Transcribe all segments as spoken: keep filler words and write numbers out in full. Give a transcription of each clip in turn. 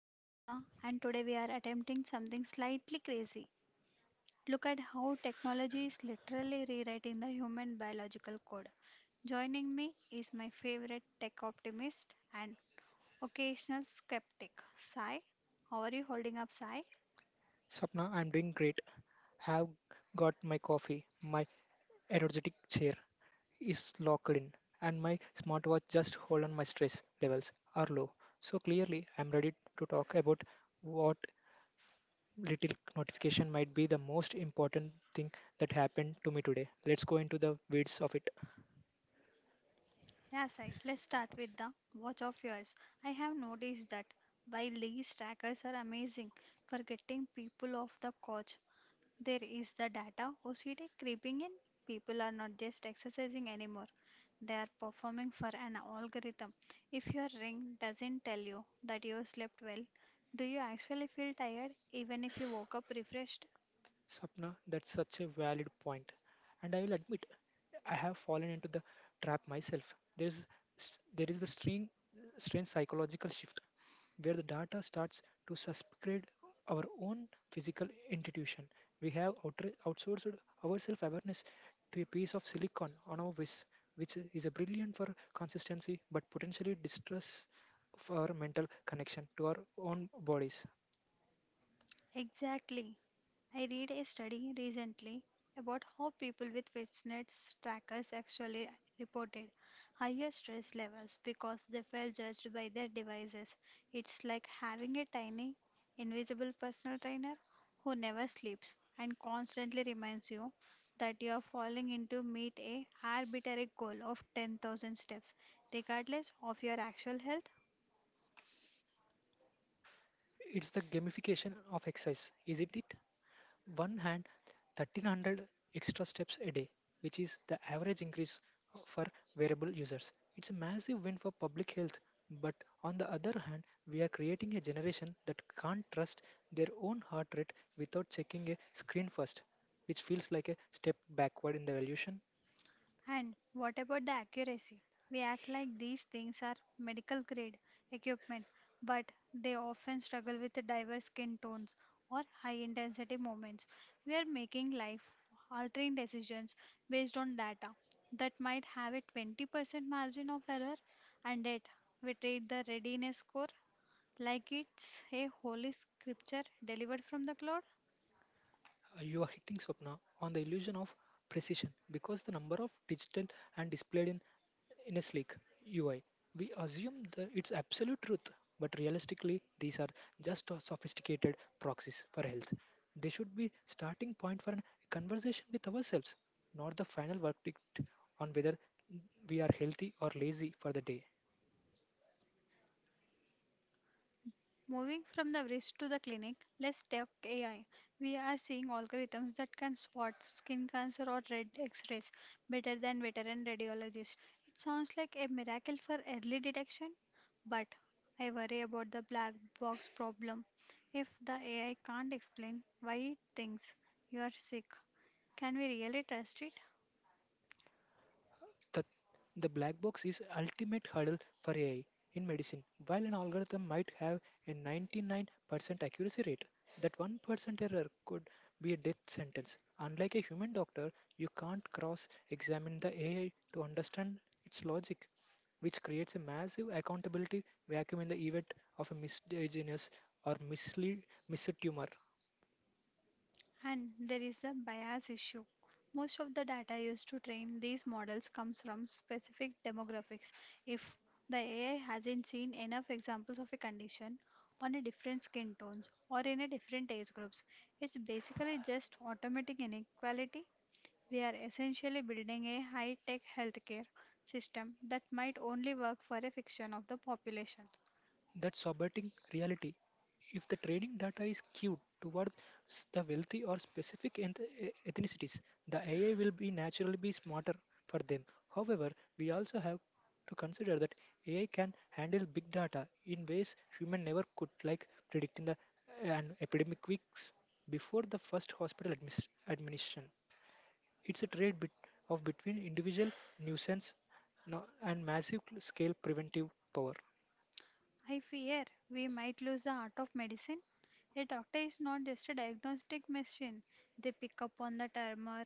I'm Swapna and today we are attempting something slightly crazy. Look at how technology is literally rewriting the human biological code. Joining me is my favorite tech optimist and occasional skeptic, Sai. How are you holding up, Sai? Sapna, I'm doing great. Have got my coffee. My energetic chair is locked in, and my smartwatch just hold on my stress levels are low. So clearly, I'm ready to talk about what little notification might be the most important thing that happened to me today. Let's go into the weeds of it. Yeah, Sai, let's start with the watch of yours. I have noticed that while these trackers are amazing for getting people off the couch, there is the data O C D creeping in. People are not just exercising anymore, they are performing for an algorithm. If your ring doesn't tell you that you slept well, do you actually feel tired even if you woke up refreshed? Sapna, that's such a valid point, and I will admit I have fallen into the trap myself. There's s- there is the string strange psychological shift where the data starts to subscribe our own physical institution. We have outre- outsourced our self awareness to a piece of silicon on our wrist, which is a brilliant for consistency but potentially distress for our mental connection to our own bodies. Exactly. I read a study recently about how people with fitness trackers actually reported higher stress levels because they felt judged by their devices. It's like having a tiny, invisible personal trainer who never sleeps and constantly reminds you that you are falling into meet a arbitrary goal of ten thousand steps regardless of your actual health. It's the gamification of exercise, isn't it? One hand thirteen hundred extra steps a day, which is the average increase for wearable users. It's a massive win for public health, but on the other hand, we are creating a generation that can't trust their own heart rate without checking a screen first, which feels like a step backward in the evolution. And what about the accuracy? We act like these things are medical grade equipment, but they often struggle with diverse skin tones or high intensity movements. We are making life altering decisions based on data that might have a twenty percent margin of error, and yet we treat the readiness score like it's a holy scripture delivered from the cloud. Uh, You are hitting Swapna on the illusion of precision because the number of digital and displayed in in a sleek U I. We assume the, it's absolute truth, but realistically, these are just a sophisticated proxies for health. They should be starting point for a conversation with ourselves, not the final verdict on whether we are healthy or lazy for the day. Moving from the wrist to the clinic, let's talk A I. We are seeing algorithms that can spot skin cancer or red x rays better than veteran radiologists. It sounds like a miracle for early detection, but I worry about the black box problem. If the A I can't explain why it thinks you are sick, can we really trust it? The, the black box is ultimate hurdle for A I in medicine. While an algorithm might have a ninety-nine percent accuracy rate, that one percent error could be a death sentence. Unlike a human doctor, you can't cross-examine the A I to understand its logic, which creates a massive accountability vacuum in the event of a misdiagnosis or mislead, mistumor. And there is a bias issue. Most of the data used to train these models comes from specific demographics. If the A I hasn't seen enough examples of a condition on a different skin tones or in a different age groups, it's basically just automatic inequality. We are essentially building a high-tech healthcare system that might only work for a fraction of the population. That sobering reality. If the trading data is skewed towards the wealthy or specific eth- e- ethnicities, the A I will be naturally be smarter for them. However, we also have to consider that A I can handle big data in ways human never could, like predicting the an epidemic weeks before the first hospital admis- admission. It's a trade bit of between individual nuisance no- and massive scale preventive power. I fear we might lose the art of medicine. A doctor is not just a diagnostic machine. They pick up on the tremor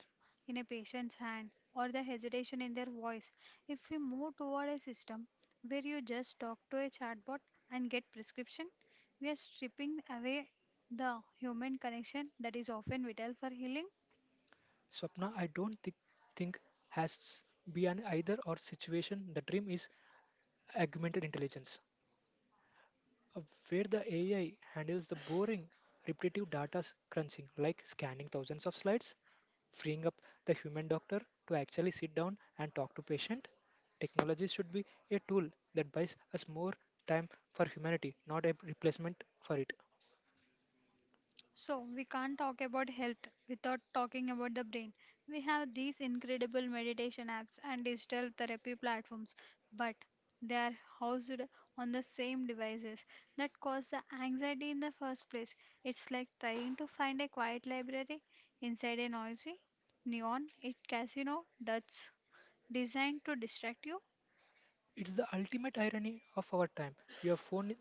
in a patient's hand or the hesitation in their voice. If we move toward a system where you just talk to a chatbot and get prescription, we are stripping away the human connection that is often vital for healing. Swapna, I don't thi- think has be an either or situation. The dream is augmented intelligence, uh, where the A I handles the boring, repetitive data s- crunching, like scanning thousands of slides, freeing up the human doctor to actually sit down and talk to patient. Technology should be a tool that buys us more time for humanity, not a replacement for it. So, we can't talk about health without talking about the brain. We have these incredible meditation apps and digital therapy platforms, but they are housed on the same devices that cause the anxiety in the first place. It's like trying to find a quiet library inside a noisy, neon, it casino that's designed to distract you. It's the ultimate irony of our time. Your phone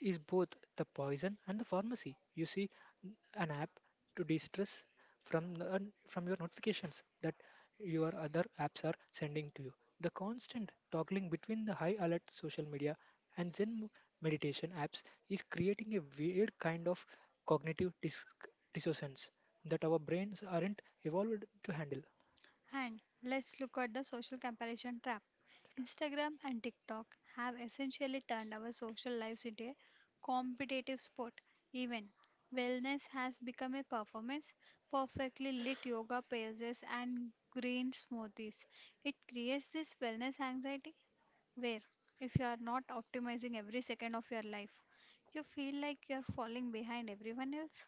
is both the poison and the pharmacy. You see, n- an app to de-stress from the- un- from your notifications that your other apps are sending to you. The constant toggling between the high alert social media and Zen meditation apps is creating a weird kind of cognitive dis- dissonance that our brains aren't evolved to handle. And let's look at the social comparison trap. Instagram and TikTok have essentially turned our social lives into a competitive sport. Even wellness has become a performance. Perfectly lit yoga poses and green smoothies. It creates this wellness anxiety where if you are not optimizing every second of your life, you feel like you are falling behind everyone else.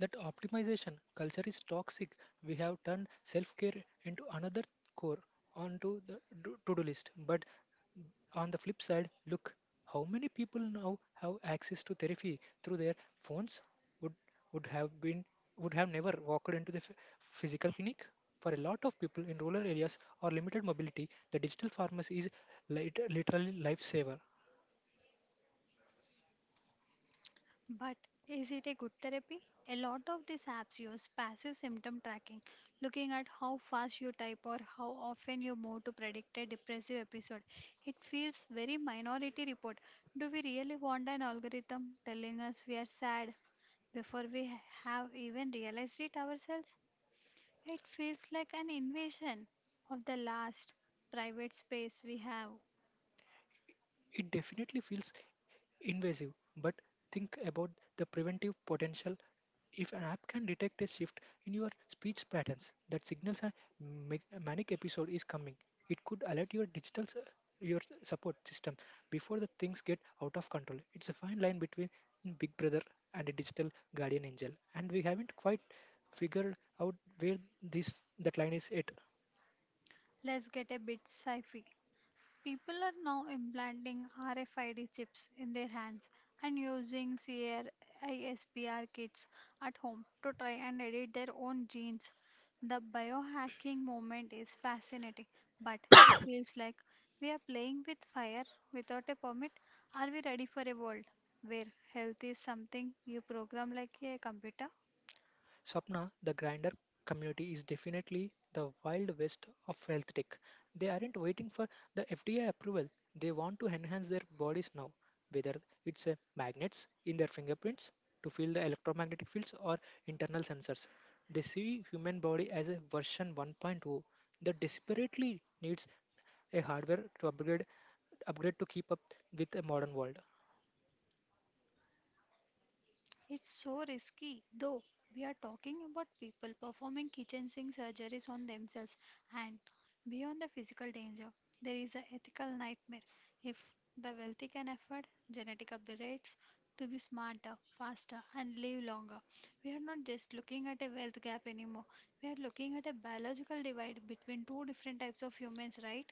That optimization culture is toxic. We have turned self care into another core onto the to do to-do list. But on the flip side, look how many people now have access to therapy through their phones would would have been would have never walked into the ph- physical clinic. For a lot of people in rural areas or limited mobility, the digital pharmacy is lit- literally lifesaver. But is it a good therapy? A lot of these apps use passive symptom tracking, looking at how fast you type or how often you move to predict a depressive episode. It feels very minority report. Do we really want an algorithm telling us we are sad before we ha- have even realized it ourselves? It feels like an invasion of the last private space we have. It definitely feels invasive, but think about the preventive potential. If an app can detect a shift in your speech patterns that signals a ma- manic episode is coming, it could alert your digital s- your support system before the things get out of control. It's a fine line between Big Brother and a digital guardian angel, and we haven't quite figured out where this that line is at. Let's get a bit sci fi. People are now implanting R F I D chips in their hands and using CRISPR kits at home to try and edit their own genes. The biohacking movement is fascinating, but it feels like we are playing with fire without a permit. Are we ready for a world where health is something you program like a computer? Swapna, the grinder community is definitely the wild west of health tech. They aren't waiting for the F D A approval. They want to enhance their bodies now, whether it's a magnets in their fingerprints to feel the electromagnetic fields or internal sensors. They see human body as a version 1.0 that desperately needs a hardware to upgrade upgrade to keep up with a modern world. It's so risky, though. We are talking about people performing kitchen sink surgeries on themselves, and beyond the physical danger, there is an ethical nightmare. If the wealthy can afford genetic upgrades to be smarter, faster, and live longer, we are not just looking at a wealth gap anymore. We are looking at a biological divide between two different types of humans, right?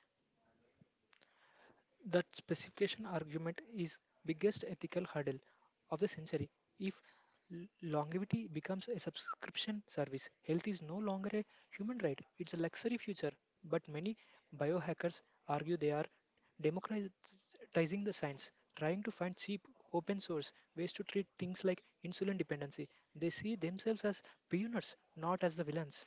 That specification argument is biggest ethical hurdle of the century. If l- longevity becomes a subscription service, health is no longer a human right. It's a luxury future. But many biohackers argue they are democratizing the science, trying to find cheap open source ways to treat things like insulin dependency. They see themselves as pioneers, not as the villains.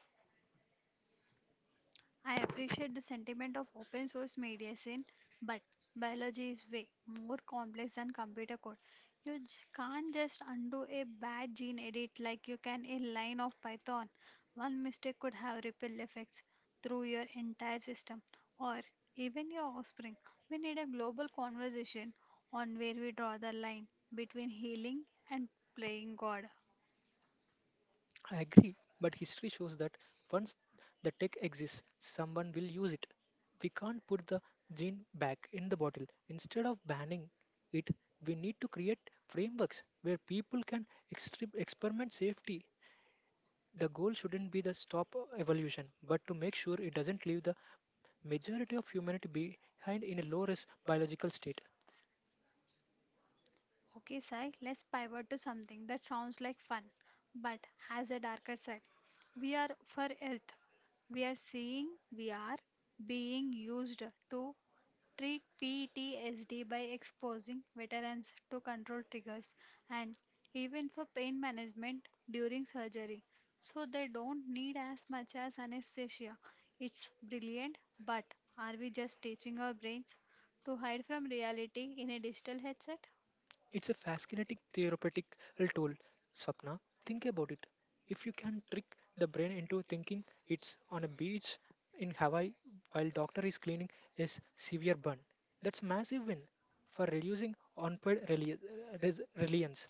I appreciate the sentiment of open source medicine, but biology is way more complex than computer code. You j- can't just undo a bad gene edit like you can a line of Python. One mistake could have ripple effects through your entire system or even your offspring. We need a global conversation on where we draw the line between healing and playing God. I agree, but history shows that once the tech exists, someone will use it. We can't put the gene back in the bottle. Instead of banning it, we need to create frameworks where people can extre- experiment safely. The goal shouldn't be the stop evolution, but to make sure it doesn't leave the majority of humanity behind in a low risk biological state. Okay, Sai, let's pivot to something that sounds like fun but has a darker side. We are for Earth. We are seeing we are being used to treat P T S D by exposing veterans to control triggers and even for pain management during surgery so they don't need as much as anesthesia. It's brilliant, but are we just teaching our brains to hide from reality in a digital headset? It's a fascinating therapeutic tool, Swapna. Think about it. If you can trick the brain into thinking it's on a beach in Hawaii while doctor is cleaning a severe burn, that's a massive win for reducing unpaid reli- res- reliance.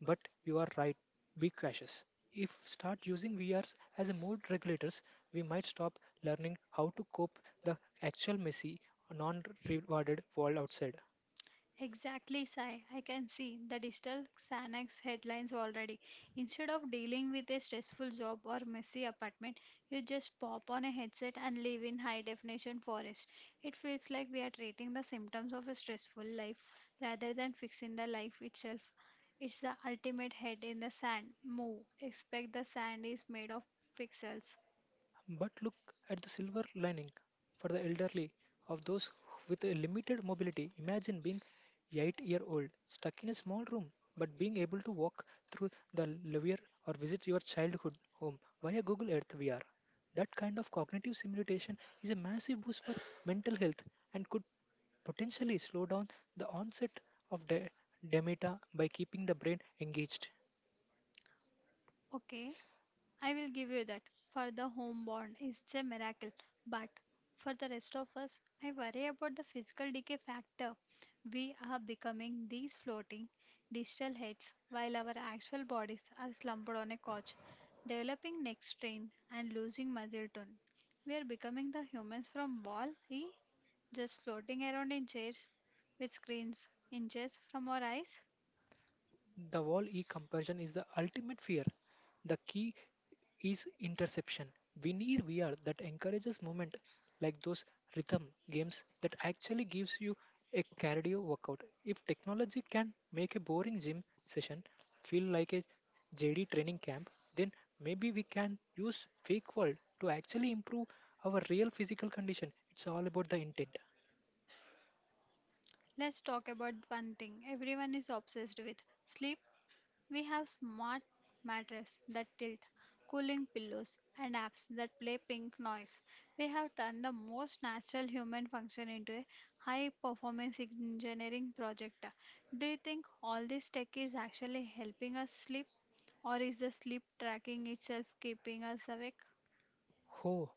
But you are right, be cautious. If start using V Rs as a mood regulators, we might stop learning how to cope the actual messy, non-rewarded world outside. Exactly, Sai. I can see the digital Xanax headlines already. Instead of dealing with a stressful job or messy apartment, you just pop on a headset and live in high definition forest. It feels like we are treating the symptoms of a stressful life rather than fixing the life itself. It's the ultimate head in the sand move. Expect the sand is made of pixels. But look at the silver lining for the elderly of those with a limited mobility. Imagine being eight year old stuck in a small room but being able to walk through the lavier or visit your childhood home via Google Earth V R. That kind of cognitive simulation is a massive boost for mental health and could potentially slow down the onset of de- dementia by keeping the brain engaged. Okay. I will give you that. For the homeborn, it's a miracle. But for the rest of us, I worry about the physical decay factor. We are becoming these floating digital heads while our actual bodies are slumped on a couch, developing neck strain and losing muscle tone. We are becoming the humans from Wall E, just floating around in chairs with screens inches from our eyes. The wall E comparison is the ultimate fear. The key is interception. We need V R that encourages movement, like those rhythm games that actually gives you a cardio workout. If technology can make a boring gym session feel like a J D training camp, then maybe we can use fake world to actually improve our real physical condition. It's all about the intent. Let's talk about one thing everyone is obsessed with sleep. We have smart mattresses that tilt, cooling pillows, and apps that play pink noise. We have turned the most natural human function into a high performance engineering project. Do you think all this tech is actually helping us sleep, or is the sleep tracking itself keeping us awake? Oh,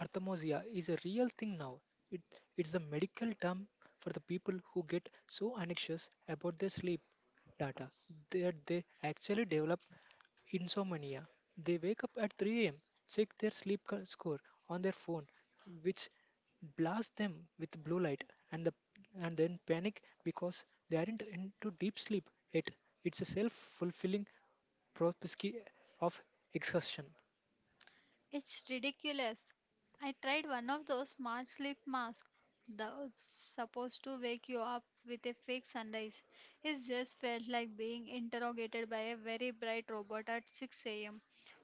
arthrosia is a real thing now. It, it's a medical term for the people who get so anxious about their sleep data that they actually develop insomnia. They wake up at three a m, check their sleep co- score on their phone, which blasts them with blue light, and, the, and then panic because they aren't into deep sleep yet. It's a self fulfilling prophecy of exhaustion. It's ridiculous. I tried one of those smart sleep masks, the supposed to wake you up with a fake sunrise. It just felt like being interrogated by a very bright robot at six a m.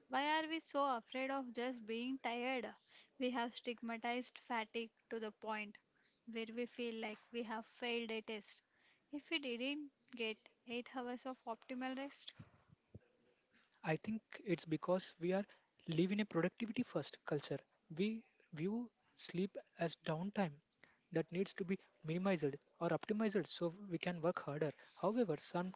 Why are we so afraid of just being tired? We have stigmatized fatigue to the point where we feel like we have failed a test. If we didn't get eight hours of optimal rest, I think it's because we are live in a productivity first culture. We view sleep as downtime that needs to be minimized or optimized so we can work harder. However, some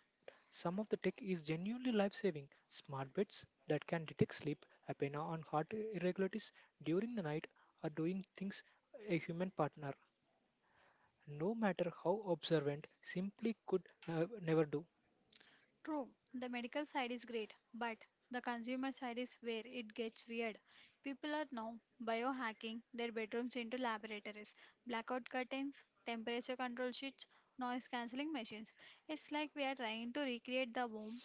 some of the tech is genuinely life saving. Smart beds that can detect sleep apnea on heart irregularities during the night are doing things a human partner, no matter how observant, simply could nev- never do. true, the medical side is great, but the consumer side is where it gets weird. People are now biohacking their bedrooms into laboratories, blackout curtains, temperature control sheets, noise cancelling machines. It's like we are trying to recreate the womb.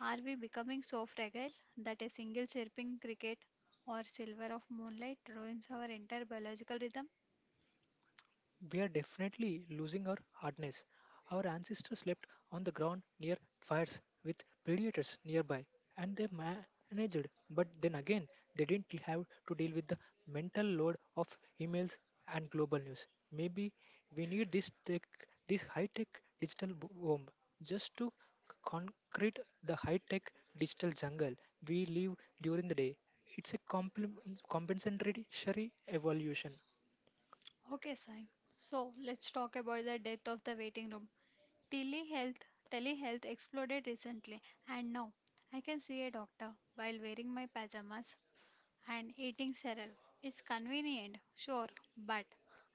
Are we becoming so fragile that a single chirping cricket or silver of moonlight ruins our entire biological rhythm? We are definitely losing our hardness. Our ancestors slept on the ground near fires with predators nearby, and they managed. But then again, they didn't have to deal with the mental load of emails and global news. Maybe we need this tech, this high-tech digital bo- bomb, just to concrete the high-tech digital jungle we live during the day. It's a complement compensatory evolution. Okay, Sai. So let's talk about the death of the waiting room. Telehealth, telehealth exploded recently, and now I can see a doctor while wearing my pajamas and eating cereal. It's convenient, sure, but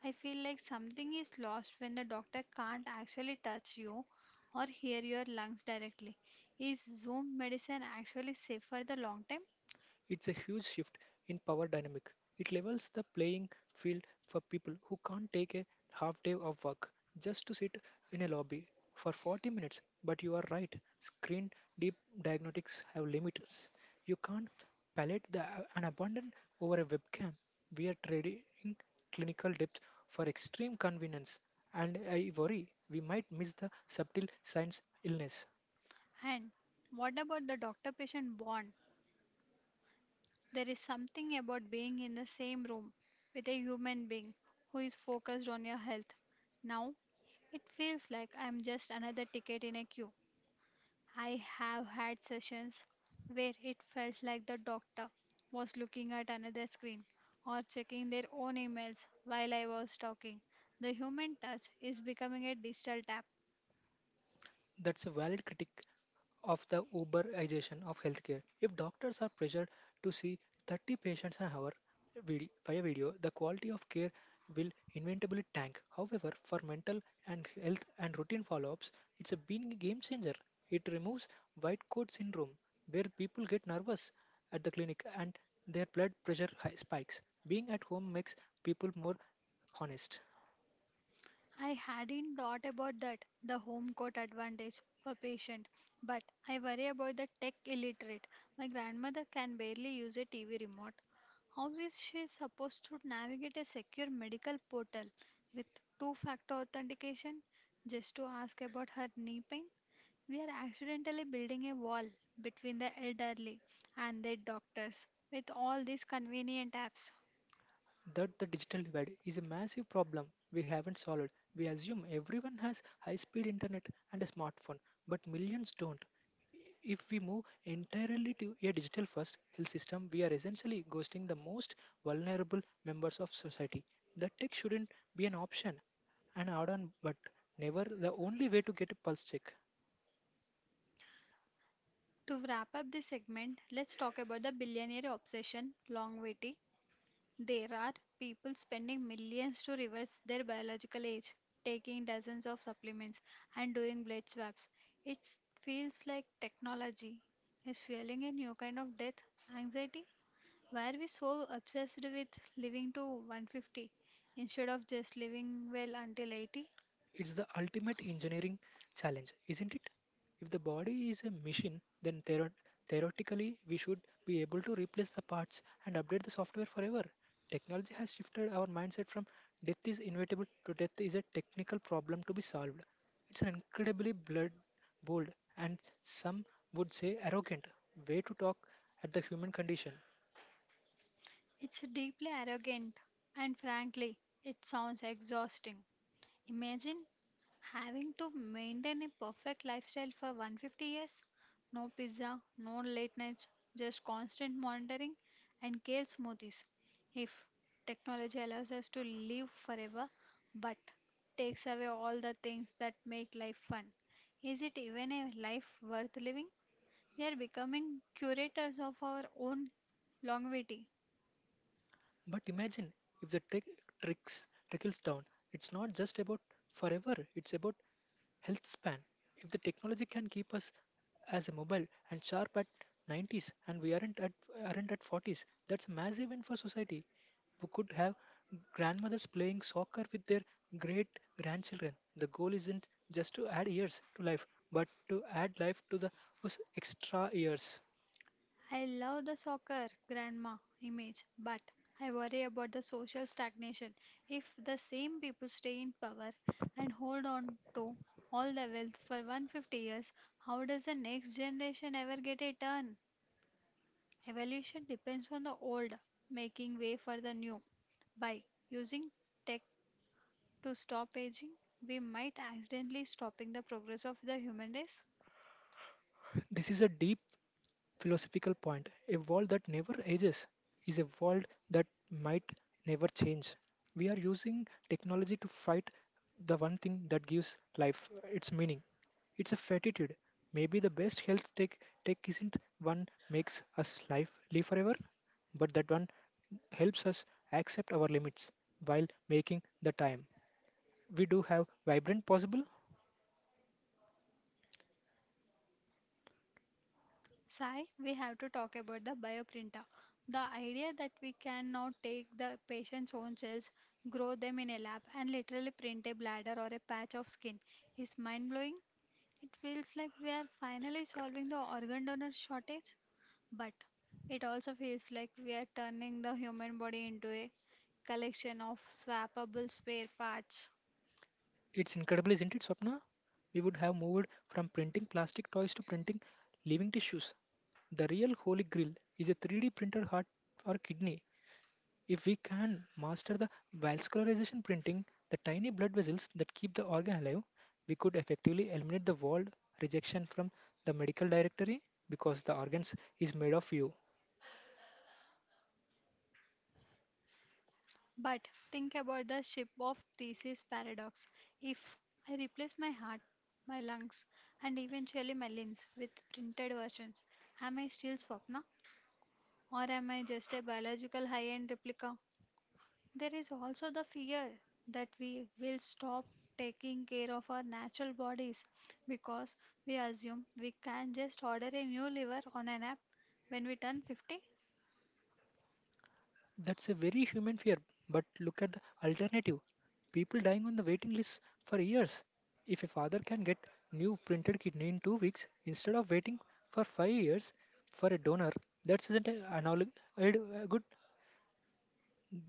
I feel like something is lost when the doctor can't actually touch you or hear your lungs directly. Is Zoom medicine actually safe for the long term? It's a huge shift in power dynamic. It levels the playing field for people who can't take a half day of work just to sit in a lobby for forty minutes. But you are right, screen deep diagnostics have limits. You can't palette the, an abundant over a webcam. We are trading clinical depth for extreme convenience, and I worry we might miss the subtle science illness. And what about the doctor patient bond? There is something about being in the same room with a human being who is focused on your health. Now, it feels like I'm just another ticket in a queue. I have had sessions where it felt like the doctor was looking at another screen or checking their own emails while I was talking. The human touch is becoming a digital tap. That's a valid critique of the uberization of healthcare. If doctors are pressured to see thirty patients an hour vid- via video, the quality of care will inevitably tank. However, for mental and health and routine follow-ups, it's a been a game changer. It removes white coat syndrome, where people get nervous at the clinic and their blood pressure hi- spikes. Being at home makes people more honest. I hadn't thought about that, the home court advantage for patient, but I worry about the tech illiterate. My grandmother can barely use a T V remote. How is she supposed to navigate a secure medical portal with two factor authentication just to ask about her knee pain? We are accidentally building a wall between the elderly and their doctors with all these convenient apps. That the digital divide is a massive problem we haven't solved. We assume everyone has high speed internet and a smartphone, but millions don't. If we move entirely to a digital first health system, we are essentially ghosting the most vulnerable members of society. The tech shouldn't be an option, an add on, but never the only way to get a pulse check. To wrap up this segment, let's talk about the billionaire obsession longevity. There are people spending millions to reverse their biological age, taking dozens of supplements and doing blood swaps. It feels like technology is fueling a new kind of death anxiety. Why are we so obsessed with living to one hundred fifty instead of just living well until eighty? It's the ultimate engineering challenge, isn't it? If the body is a machine, then theor- theoretically we should be able to replace the parts and update the software forever. Technology has shifted our mindset from death is inevitable to death is a technical problem to be solved. It's an incredibly blood bold and some would say arrogant way to talk at the human condition. It's deeply arrogant, and frankly, it sounds exhausting. Imagine having to maintain a perfect lifestyle for one hundred fifty years no pizza, no late nights, just constant monitoring and kale smoothies. If technology allows us to live forever but takes away all the things that make life fun, is it even a life worth living? We are becoming curators of our own longevity. But imagine if the tech tricks trickles down. It's not just about forever, it's about health span. If the technology can keep us as a mobile and sharp at nineties and we aren't at aren't at forties, that's a massive win for society. We could have grandmothers playing soccer with their great grandchildren. The goal isn't just to add years to life, but to add life to the those extra years. I love the soccer grandma image, but I worry about the social stagnation. If the same people stay in power and hold on to all the wealth for a hundred fifty years, how does the next generation ever get a turn? Evolution depends on the old making way for the new. By using tech to stop aging, we might accidentally stopping the progress of the human race. This is a deep philosophical point. A world that never ages is a world that might never change. We are using technology to fight the one thing that gives life uh, its meaning. It's a fatitude. Maybe the best health tech tech isn't one makes us life live forever, but that one helps us accept our limits while making the time we do have vibrant possible. Sai, we have to talk about the bioprinter. The idea that we can now take the patient's own cells, grow them in a lab, and literally print a bladder or a patch of skin is mind blowing. It feels like we are finally solving the organ donor shortage, but it also feels like we are turning the human body into a collection of swappable spare parts. It's incredible, isn't it, Swapna? We would have moved from printing plastic toys to printing living tissues. The real holy grail is a three D printed heart or kidney. If we can master the vascularization printing, the tiny blood vessels that keep the organ alive, we could effectively eliminate the word rejection from the medical directory because the organs is made of you. But think about the ship of thesis paradox. If I replace my heart, my lungs, and eventually my limbs with printed versions, am I still Swapna? Or am I just a biological high end replica? There is also the fear that we will stop taking care of our natural bodies because we assume we can just order a new liver on an app when we turn fifty. That's a very human fear, but look at the alternative. People dying on the waiting list for years. If a father can get new printed kidney in two weeks instead of waiting for five years for a donor, that isn't a analog a d- a good.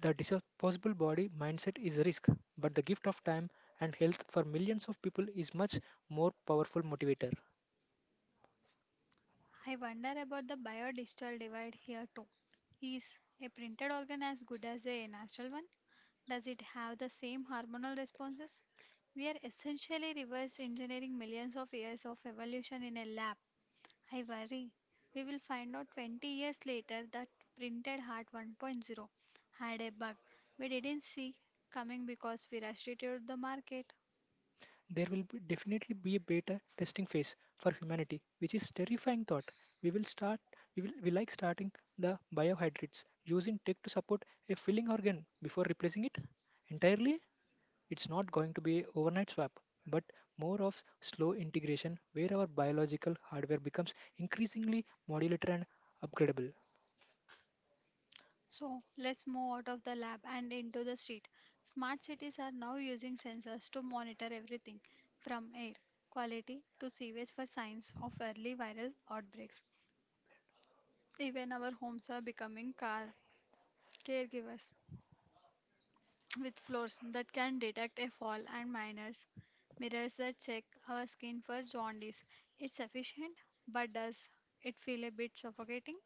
The disposable body mindset is a risk, but the gift of time and health for millions of people is much more powerful motivator. I wonder about the bio digital divide here too. Is a printed organ as good as a natural one? Does it have the same hormonal responses? We are essentially reverse engineering millions of years of evolution in a lab. I worry. We will find out twenty years later that printed heart 1.0 had a bug we didn't see coming because we rushed it to the market. There will be definitely be a beta testing phase for humanity which is terrifying thought. We will start we will we like starting the biohydrates using tech to support a filling organ before replacing it entirely. It's not going to be a overnight swap, but more of slow integration where our biological hardware becomes increasingly modular and upgradable. So let's move out of the lab and into the street. Smart cities are now using sensors to monitor everything from air quality to sewage for signs of early viral outbreaks. Even our homes are becoming car caregivers with floors that can detect a fall and minors mirrors that check our skin for jaundice. It's efficient, but does it feel a bit suffocating?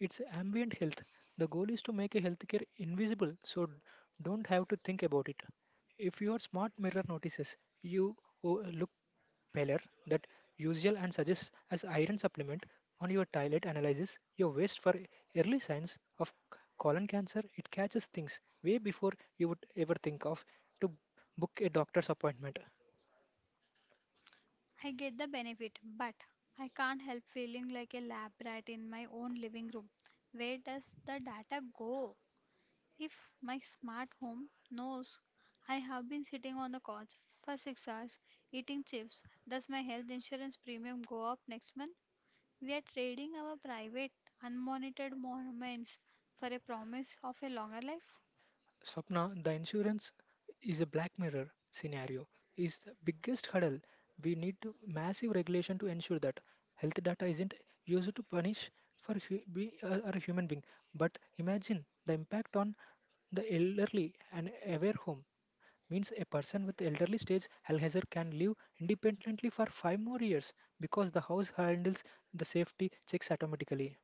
It's ambient health. The goal is to make a healthcare invisible so d- don't have to think about it. If your smart mirror notices you o- look paler than usual and suggests as iron supplement on your toilet analyzes your waste for early signs of c- colon cancer, it catches things way before you would ever think of to book a doctor's appointment. I get the benefit, but I can't help feeling like a lab rat in my own living room. Where does the data go? If my smart home knows I have been sitting on the couch for six hours eating chips, does my health insurance premium go up next month? We are trading our private, unmonitored moments for a promise of a longer life. Swapna, the insurance is a black mirror scenario, is the biggest hurdle. We need to massive regulation to ensure that health data isn't used to punish for hu- be a, a human being. But imagine the impact on the elderly and aware home means a person with elderly stage Alzheimer can live independently for five more years because the house handles the safety checks automatically.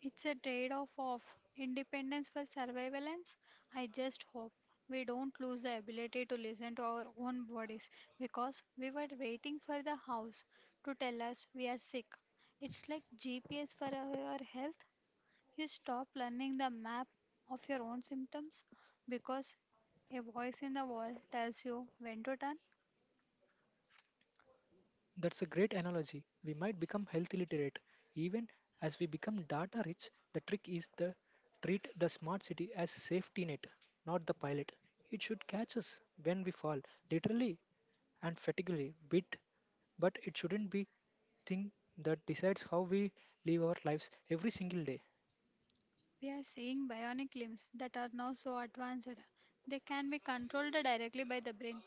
It's a trade-off of independence for surveillance. I just hope we don't lose the ability to listen to our own bodies because we were waiting for the house to tell us we are sick. It's like G P S for our health. You stop learning the map of your own symptoms because a voice in the wall tells you when to turn. That's a great analogy. We might become health illiterate. Even as we become data rich, the trick is to treat the smart city as safety net, not the pilot. It should catch us when we fall, literally and fatiguely, bit, but it shouldn't be thing that decides how we live our lives every single day. We are seeing bionic limbs that are now so advanced they can be controlled directly by the brain.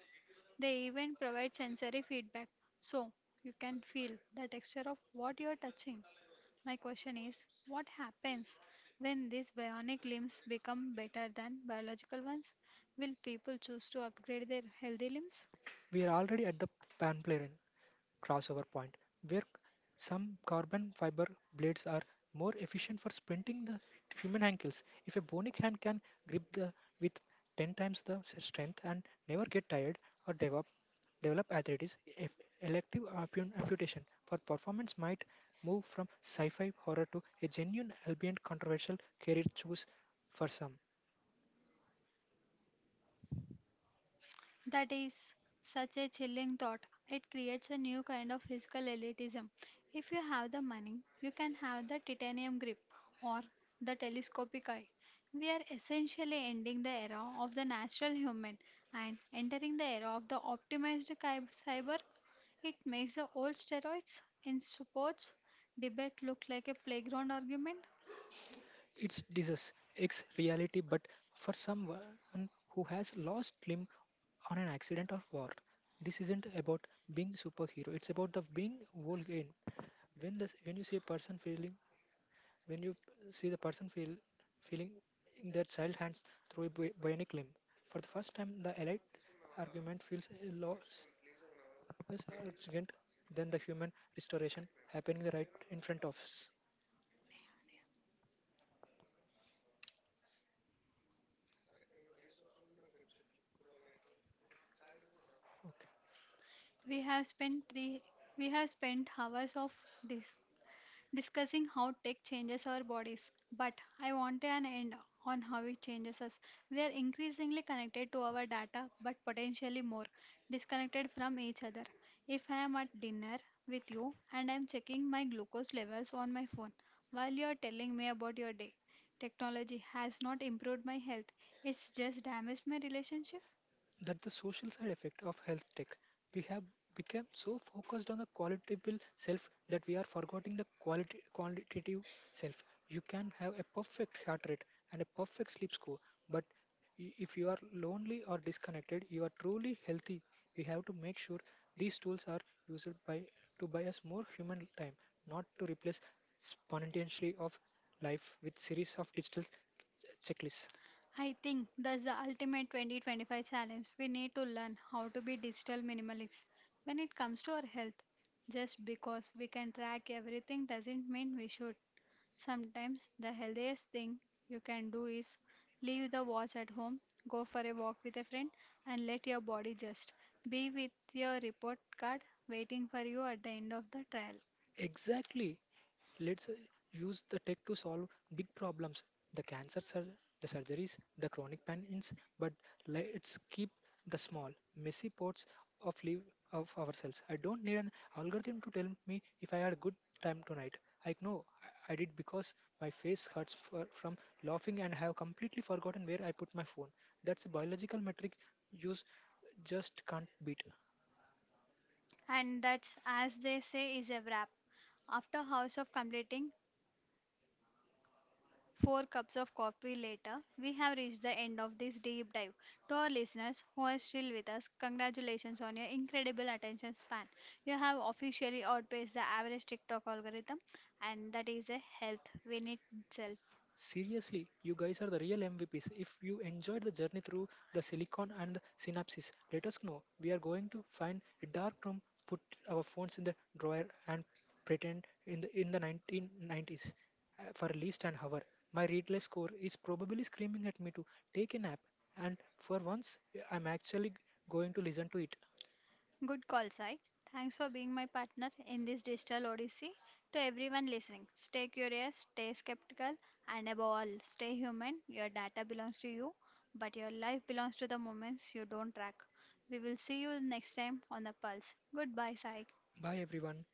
They even provide sensory feedback, so you can feel the texture of what you are touching. My question is, what happens when these bionic limbs become better than biological ones? Will people choose to upgrade their healthy limbs? We are already at the pan plane crossover point where some carbon fiber blades are more efficient for sprinting the human ankles. If a bionic hand can grip the with ten times the s- strength and never get tired or develop develop arthritis, if elective ampu- amputation for performance might move from sci-fi horror to a genuine, albeit controversial, career choice for some. That is such a chilling thought. It creates a new kind of physical elitism. If you have the money, you can have the titanium grip or the telescopic eye. We are essentially ending the era of the natural human and entering the era of the optimized cy- cyber. It makes the old steroids in sports debate look like a playground argument. It's disease, it's reality, but for someone who has lost limb on an accident or war, this isn't about being superhero. It's about the being whole again. When this, when you see a person failing, when you see the person fail, feeling in their child hands through a bi- bionic limb, for the first time, the elite argument feels a loss is urgent than the human restoration happening right in front of us. Okay. We have spent three we have spent hours of this discussing how tech changes our bodies. But I want an end on how it changes us. We are increasingly connected to our data, but potentially more disconnected from each other. If I am at dinner with you and I am checking my glucose levels on my phone while you are telling me about your day, technology has not improved my health, it's just damaged my relationship. That the social side effect of health tech. We have become so focused on the qualitable self that we are forgetting the quality quantitative self. You can have a perfect heart rate and a perfect sleep score, but i- if you are lonely or disconnected, you are truly healthy. We have to make sure these tools are used by to buy us more human time, not to replace spontaneity of life with series of digital checklists. I think that's the ultimate twenty twenty-five challenge. We need to learn how to be digital minimalists when it comes to our health. Just because we can track everything doesn't mean we should. Sometimes the healthiest thing you can do is leave the watch at home, go for a walk with a friend, and let your body just be with your report card waiting for you at the end of the trial. Exactly. Let's uh, use the tech to solve big problems. The cancer, sur- the surgeries, the chronic pains, but let's keep the small, messy parts of live of ourselves. I don't need an algorithm to tell me if I had a good time tonight. I know I I did because my face hurts for, from laughing and have completely forgotten where I put my phone. That's a biological metric use just can't beat. And that's, as they say, is a wrap. After House of Completing, four cups of coffee later, we have reached the end of this deep dive. To our listeners who are still with us, congratulations on your incredible attention span. You have officially outpaced the average TikTok algorithm, and that is a health win in itself. Seriously, you guys are the real M V Ps. If you enjoyed the journey through the silicon and the synapses, let us know. We are going to find a dark room, put our phones in the drawer, and pretend in the in the nineteen nineties uh, for at least an hour. My readless core is probably screaming at me to take a nap, and for once, I'm actually going to listen to it. Good call, Sai. Thanks for being my partner in this digital odyssey. To everyone listening, stay curious, stay skeptical, and above all, stay human. Your data belongs to you, but your life belongs to the moments you don't track. We will see you next time on The Pulse. Goodbye, Sai. Bye, everyone.